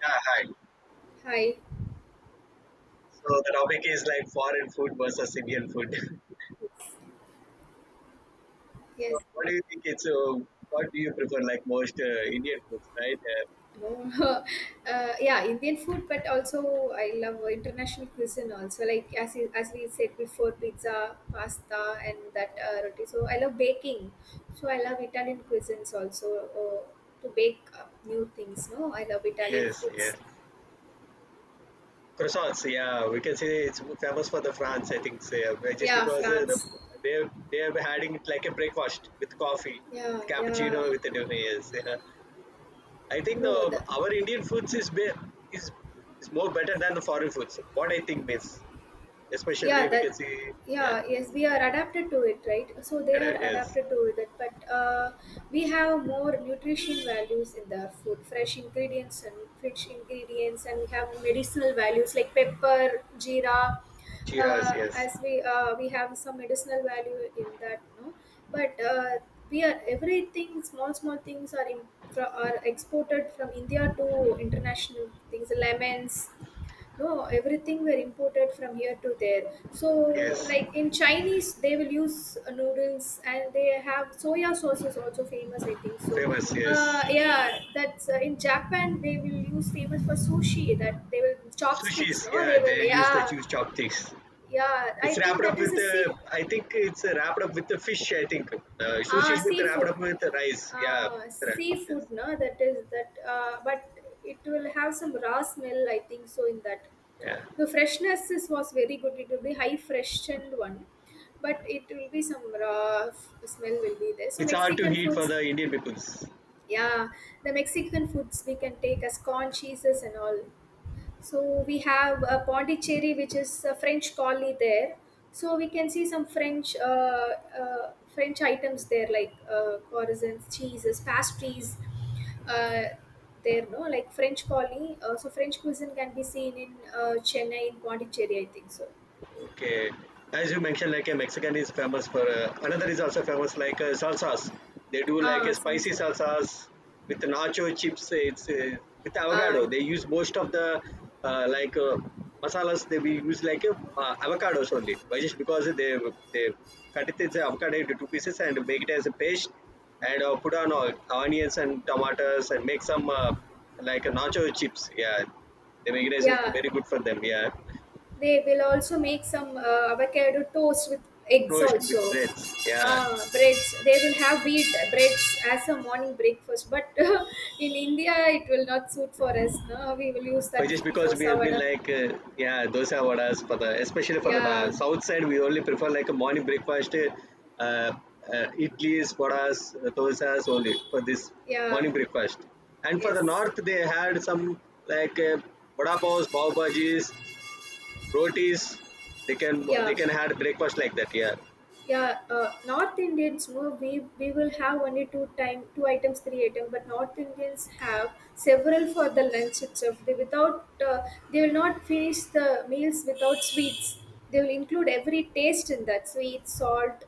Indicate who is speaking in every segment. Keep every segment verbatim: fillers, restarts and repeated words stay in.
Speaker 1: Yeah, hi.
Speaker 2: Hi.
Speaker 1: So the topic is like foreign food versus Indian food. So
Speaker 2: Yes.
Speaker 1: what do you think it's, uh, what do you prefer like most uh, Indian foods, right? Uh,
Speaker 2: No. Uh, yeah, Indian food, but also I love international cuisine also. Like as you, as we said before, pizza, pasta, and that uh, roti. So I love baking. So I love Italian cuisines also uh, to bake uh, new things. No, I love Italian
Speaker 1: yes, yes.
Speaker 2: foods.
Speaker 1: Croissants, yeah, we can say it's famous for the France, I think, so, yeah, but just
Speaker 2: Yeah,
Speaker 1: because uh, the,
Speaker 2: France.
Speaker 1: they they are having it like a breakfast with coffee, with
Speaker 2: Yeah, yeah.
Speaker 1: cappuccino, with the donuts. Yeah. I think
Speaker 2: No,
Speaker 1: the
Speaker 2: the
Speaker 1: our Indian foods is be, is is more better than the foreign foods. What I think is,
Speaker 2: yeah
Speaker 1: especially we can
Speaker 2: that
Speaker 1: see, yeah,
Speaker 2: yeah yes, we are adapted to it, right? So they are
Speaker 1: yes.
Speaker 2: adapted to it, but uh, we have more nutrition values in the food, fresh ingredients, and fresh ingredients and we have medicinal values like pepper, jeera.
Speaker 1: Cheers,
Speaker 2: Uh,
Speaker 1: yes.
Speaker 2: as we uh, We have some medicinal value in that, no? but uh, We are, everything, small small things are in, fro- are exported from India to international things, lemons, no, everything were imported from here to there. So
Speaker 1: Yes,
Speaker 2: like in Chinese, they will use uh, noodles and they have soya sauce, is also famous, I think so.
Speaker 1: famous. Yes,
Speaker 2: Uh, yeah, that's uh, in Japan they will use, famous for sushi, that they will chopsticks,
Speaker 1: sushis.
Speaker 2: no,
Speaker 1: Yeah,
Speaker 2: they
Speaker 1: they
Speaker 2: will,
Speaker 1: use the
Speaker 2: yeah.
Speaker 1: huge chopsticks.
Speaker 2: Yeah, I
Speaker 1: It's
Speaker 2: think
Speaker 1: wrapped
Speaker 2: that
Speaker 1: up
Speaker 2: is
Speaker 1: with
Speaker 2: a
Speaker 1: uh,
Speaker 2: sea,
Speaker 1: I think it's uh, wrapped up with the fish. I think uh,
Speaker 2: ah,
Speaker 1: sushis with wrapped
Speaker 2: seafood.
Speaker 1: up with the rice. Yeah,
Speaker 2: Uh,
Speaker 1: ra- yes,
Speaker 2: seafood, no, that is that, uh, but it will have some raw smell, I think so, in that.
Speaker 1: yeah.
Speaker 2: The freshness is, was very good. It will be high freshened one, but it will be some raw f- smell will be there. So
Speaker 1: It's hard to
Speaker 2: Mexican
Speaker 1: eat for
Speaker 2: foods,
Speaker 1: the Indian peoples.
Speaker 2: yeah, the Mexican foods we can take as corn, cheeses, and all. So we have uh, Pondicherry, which is a French colony there. So we can see some French uh, uh, French items there, like uh, croissants, cheeses, pastries. Uh, there, no, like French colony. Uh, so French cuisine can be seen in uh, Chennai, in Pondicherry, I think so.
Speaker 1: Okay, as you mentioned, like a Mexican is famous for uh, another is also famous like uh, salsas. They do like a
Speaker 2: Ah,
Speaker 1: spicy
Speaker 2: salsa.
Speaker 1: salsas with nacho chips. uh, It's uh, with avocado.
Speaker 2: Ah,
Speaker 1: They use most of the uh, like uh, masalas. They we use like uh, uh, avocados only. Why just because they they cut it as avocado into two pieces and make it as a paste and uh, put on uh, onions and tomatoes and make some uh, like uh, nacho chips. Yeah, they make it as it's
Speaker 2: yeah.
Speaker 1: very good for them. Yeah.
Speaker 2: They will also make some uh, avocado toast with eggs
Speaker 1: Toast
Speaker 2: also.
Speaker 1: with breads. Yeah.
Speaker 2: Uh, breads. They will have wheat breads as a morning breakfast. But in India, it will not suit for us. No, we will use
Speaker 1: Or
Speaker 2: that
Speaker 1: just
Speaker 2: idli,
Speaker 1: because we
Speaker 2: dosa,
Speaker 1: have been
Speaker 2: vada.
Speaker 1: like, uh, yeah, dosa vadas for the, especially for the uh,
Speaker 2: Yeah,
Speaker 1: south side, we only prefer like a morning breakfast, uh, uh, idlis, vadas, dosas only for this
Speaker 2: yeah,
Speaker 1: morning breakfast. And for the
Speaker 2: yes,
Speaker 1: north, they had some like uh, vada paos, pav bhajis, rotis. They can they
Speaker 2: yeah.
Speaker 1: can had breakfast like that. Yeah.
Speaker 2: Yeah, uh, North Indians, no, we we will have only two time, two items, three items, but North Indians have several for the lunch itself. They without uh, they will not finish the meals without sweets. They will include every taste in that, sweet, salt,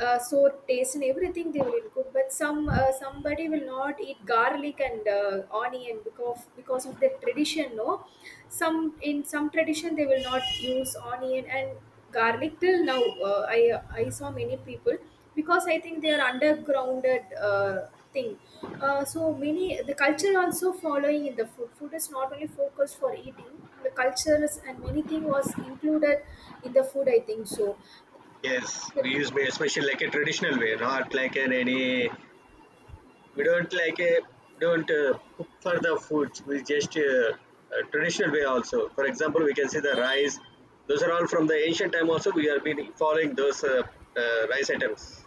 Speaker 2: uh, so taste and everything they will include, but some uh, somebody will not eat garlic and uh, onion because because of their tradition, no, some, in some tradition, they will not use onion and garlic till now. Uh, i i saw many people, because I think they are undergrounded, uh, thing. Uh, so many the culture also following in the food. Food is not only focused for eating, the cultures and many thing was included in the food, I think so.
Speaker 1: Yes, we
Speaker 2: But-
Speaker 1: use especially like a traditional way, not like an any. We don't like a don't uh, cook for the foods. We just uh, uh, traditional way also. For example, we can see the rice. Those are all from the ancient time. Also, we have been following those uh, uh, rice items.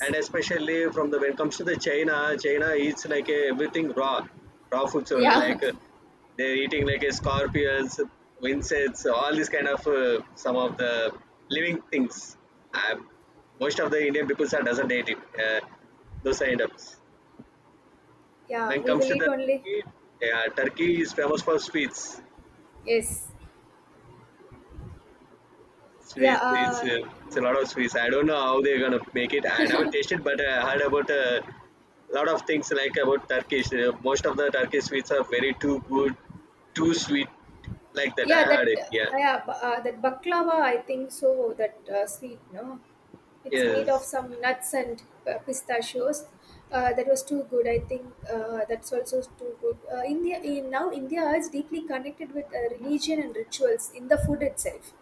Speaker 1: And especially from the when it comes to the China, China eats like a everything raw, raw foods only.
Speaker 2: Yeah,
Speaker 1: Like uh, they're eating like a scorpions, insects, all these kind of uh, some of the living things. Um, most of the Indian people doesn't eat it. Uh, those items.
Speaker 2: yeah,
Speaker 1: When it
Speaker 2: we
Speaker 1: comes
Speaker 2: will
Speaker 1: to
Speaker 2: eat
Speaker 1: the
Speaker 2: only.
Speaker 1: Turkey, yeah, Turkey is famous for sweets.
Speaker 2: Yes, yeah,
Speaker 1: Sweets, it's,
Speaker 2: uh,
Speaker 1: uh, it's a lot of sweets. I don't know how they're gonna make it. I never tasted, but I heard about a lot of things like about Turkish. Uh, most of the Turkish sweets are very too good, too sweet, like that. I
Speaker 2: yeah.
Speaker 1: heard
Speaker 2: That
Speaker 1: it. Yeah,
Speaker 2: uh, Yeah, bu- uh, that baklava, I think so. That, uh, sweet, no. It's made of
Speaker 1: yes,
Speaker 2: some nuts and uh, pistachios. Uh, that was too good. I think uh, that's also too good. Uh, India in, now India is deeply connected with uh, religion and rituals in the food itself.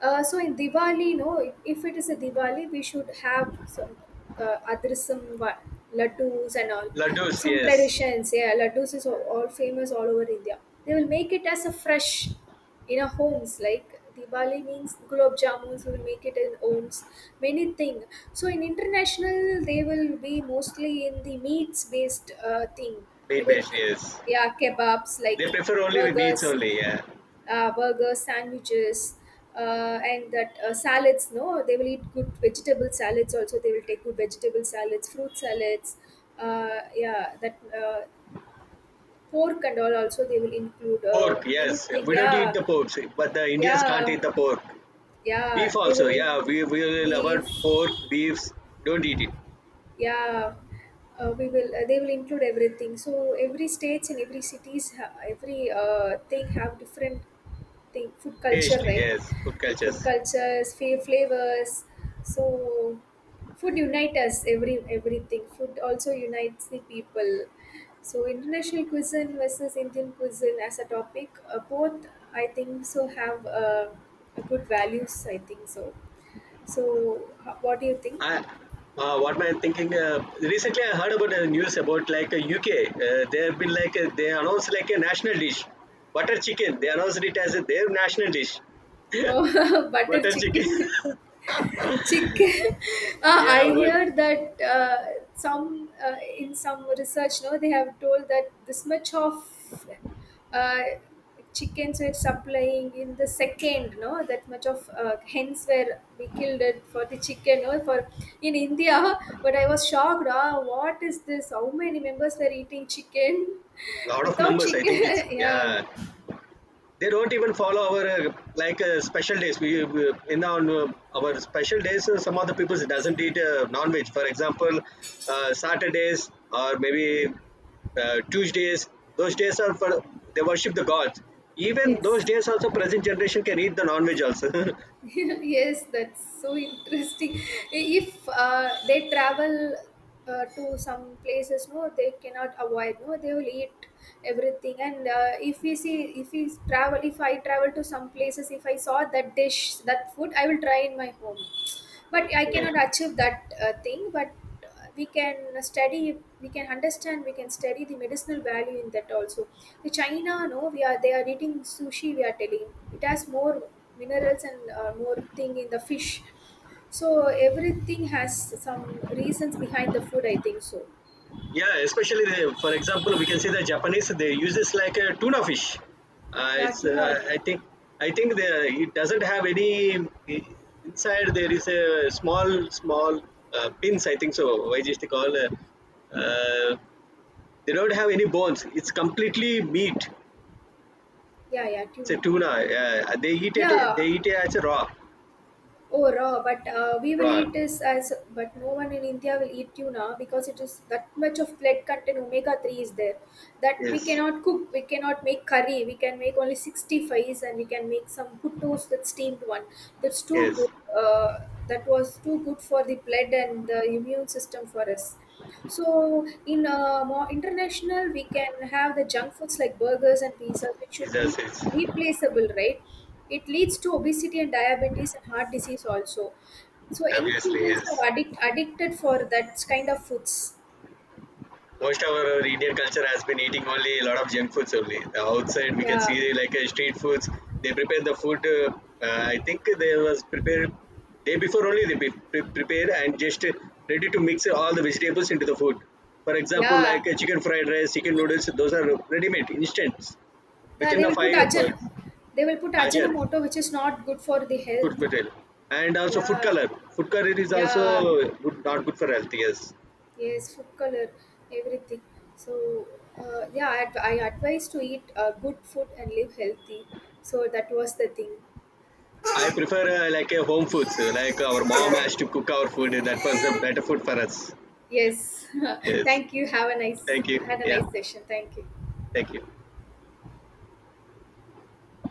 Speaker 2: Uh, so in Diwali, no, if, if it is a Diwali, we should have some uh, adrisam, va- laddus, and all,
Speaker 1: laddus,
Speaker 2: some
Speaker 1: yes,
Speaker 2: traditions. Yeah, laddus is all, all famous all over India. They will make it as a fresh in our homes. Like Diwali means gulab jamuns, we will make it in homes, many thing. So in international they will be mostly in the meats based uh, thing.
Speaker 1: meat
Speaker 2: Middle
Speaker 1: based,
Speaker 2: eat,
Speaker 1: yes.
Speaker 2: yeah, kebabs like
Speaker 1: They prefer only with meats
Speaker 2: burgers.
Speaker 1: only. Yeah,
Speaker 2: Uh, burgers, sandwiches, uh, and that uh, salads, no, they will eat good vegetable salads also, they will take good vegetable salads, fruit salads, uh, yeah that uh, pork and all also they will include, uh,
Speaker 1: pork,
Speaker 2: many
Speaker 1: yes.
Speaker 2: thing,
Speaker 1: We don't eat
Speaker 2: yeah.
Speaker 1: the pork, but the Indians can't
Speaker 2: Yeah,
Speaker 1: eat the pork. Beef
Speaker 2: yeah, they
Speaker 1: also,
Speaker 2: will
Speaker 1: yeah,
Speaker 2: in,
Speaker 1: we we will
Speaker 2: be,
Speaker 1: avoid pork, beefs. Don't eat it.
Speaker 2: yeah. Uh, we will uh, they will include everything. So every states and every cities ha- every uh, thing have different thing, food culture,
Speaker 1: Taste,
Speaker 2: right?
Speaker 1: yes, food
Speaker 2: Food
Speaker 1: cultures.
Speaker 2: cultures, fa- flavors, so food unite us, every everything, food also unites the people. So international cuisine versus Indian cuisine as a topic, uh, both I think so have, uh, a good values, I think so. So, ho- what do you think?
Speaker 1: I, uh, what am I thinking? Uh, recently, I heard about a news about like a U K. Uh, they have been like uh, they announced like a national dish, butter chicken. They
Speaker 2: Oh,
Speaker 1: announced it as a, their national dish,
Speaker 2: oh, butter
Speaker 1: butter chicken.
Speaker 2: chicken, chicken. Uh,
Speaker 1: Yeah,
Speaker 2: I
Speaker 1: but
Speaker 2: hear that uh, some uh, in some research, no, they have told that this much of uh, chickens were supplying in the second, no, that much of uh, hens were we killed it for the chicken, no, for in India. But I was shocked. Ah, what is this? How many members were eating chicken
Speaker 1: lot of
Speaker 2: without
Speaker 1: members. I
Speaker 2: chicken?
Speaker 1: think it's
Speaker 2: yeah.
Speaker 1: yeah. They don't even follow our uh, like uh, special days. We, we in our uh, our special days, uh, some of the people doesn't eat uh, non-veg. For example, uh, Saturdays or maybe uh, Tuesdays. Those days are for they worship the gods. Even those
Speaker 2: Yes.
Speaker 1: days also, present generation can eat the non-veg also.
Speaker 2: yes, that's so interesting. If uh, they travel uh, to some places, no, they cannot avoid. No, they will eat everything. And uh, if we see, if we travel, if I travel to some places, if I saw that dish, that food, I will try in my home, but I
Speaker 1: Yeah.
Speaker 2: cannot achieve that uh, thing. But uh, we can study, we can understand, we can study the medicinal value in that also. The China, no, we are they are eating sushi, we are telling, it has more minerals and uh, more thing in the fish. So everything has some reasons behind the food, I think so.
Speaker 1: Yeah, especially the, for example, we can say the Japanese they use this like a tuna fish. Uh,
Speaker 2: Yeah,
Speaker 1: it's
Speaker 2: tuna.
Speaker 1: uh, I think I think the it doesn't have any inside. There is a small small uh, pins. I think so. Why just they call? Uh, uh, they don't have any bones. It's completely meat.
Speaker 2: Yeah, yeah,
Speaker 1: It's a
Speaker 2: tuna.
Speaker 1: tuna. Uh, they eat it. They
Speaker 2: Yeah.
Speaker 1: eat it as a raw.
Speaker 2: Oh, raw, but uh, we will
Speaker 1: Raw.
Speaker 2: eat this as, but no one in India will eat tuna because it is that much of lead content, omega three is there, that we
Speaker 1: Yes.
Speaker 2: cannot cook, we cannot make curry, we can make only sixty-fives, and we can make some good toast with steamed one. That's too
Speaker 1: Yes.
Speaker 2: good, uh, that was too good for the blood and the immune system for us. So in uh, more international, we can have the junk foods like burgers and pizzas, which
Speaker 1: It
Speaker 2: should be
Speaker 1: does. It's
Speaker 2: replaceable, right? It leads to obesity and diabetes and heart disease also. So young
Speaker 1: obviously
Speaker 2: children
Speaker 1: yes.
Speaker 2: are addict, addicted for that kind of foods.
Speaker 1: Most of our Indian culture has been eating only a lot of junk foods only. The outside we can see
Speaker 2: Yeah,
Speaker 1: like uh, street foods. They prepare the food. Uh, uh, I think they was prepared day before only they pre- pre- prepare and just uh, ready to mix all the vegetables into the food. For example, like
Speaker 2: yeah.
Speaker 1: uh, chicken fried rice, chicken noodles. Those are ready made, instant,
Speaker 2: Now
Speaker 1: within
Speaker 2: they
Speaker 1: a
Speaker 2: will put
Speaker 1: five of
Speaker 2: ajan,
Speaker 1: it.
Speaker 2: they will put
Speaker 1: Hajar
Speaker 2: ajinomoto, which is not good for the
Speaker 1: food
Speaker 2: health.
Speaker 1: material and also food
Speaker 2: Yeah,
Speaker 1: color. Food color is
Speaker 2: yeah.
Speaker 1: also good, not good for health. Yes.
Speaker 2: Yes, food color, everything. So, uh, yeah, I, adv- I advise to eat uh, good food and live healthy. So that was the thing.
Speaker 1: I prefer uh, like a home foods. uh, Like our mom
Speaker 2: Yeah.
Speaker 1: has to cook our food. That was the better food for us.
Speaker 2: Yes.
Speaker 1: Yes.
Speaker 2: Thank you. Have a nice
Speaker 1: Thank you.
Speaker 2: Had a
Speaker 1: Yeah.
Speaker 2: nice session. Thank you.
Speaker 1: Thank you.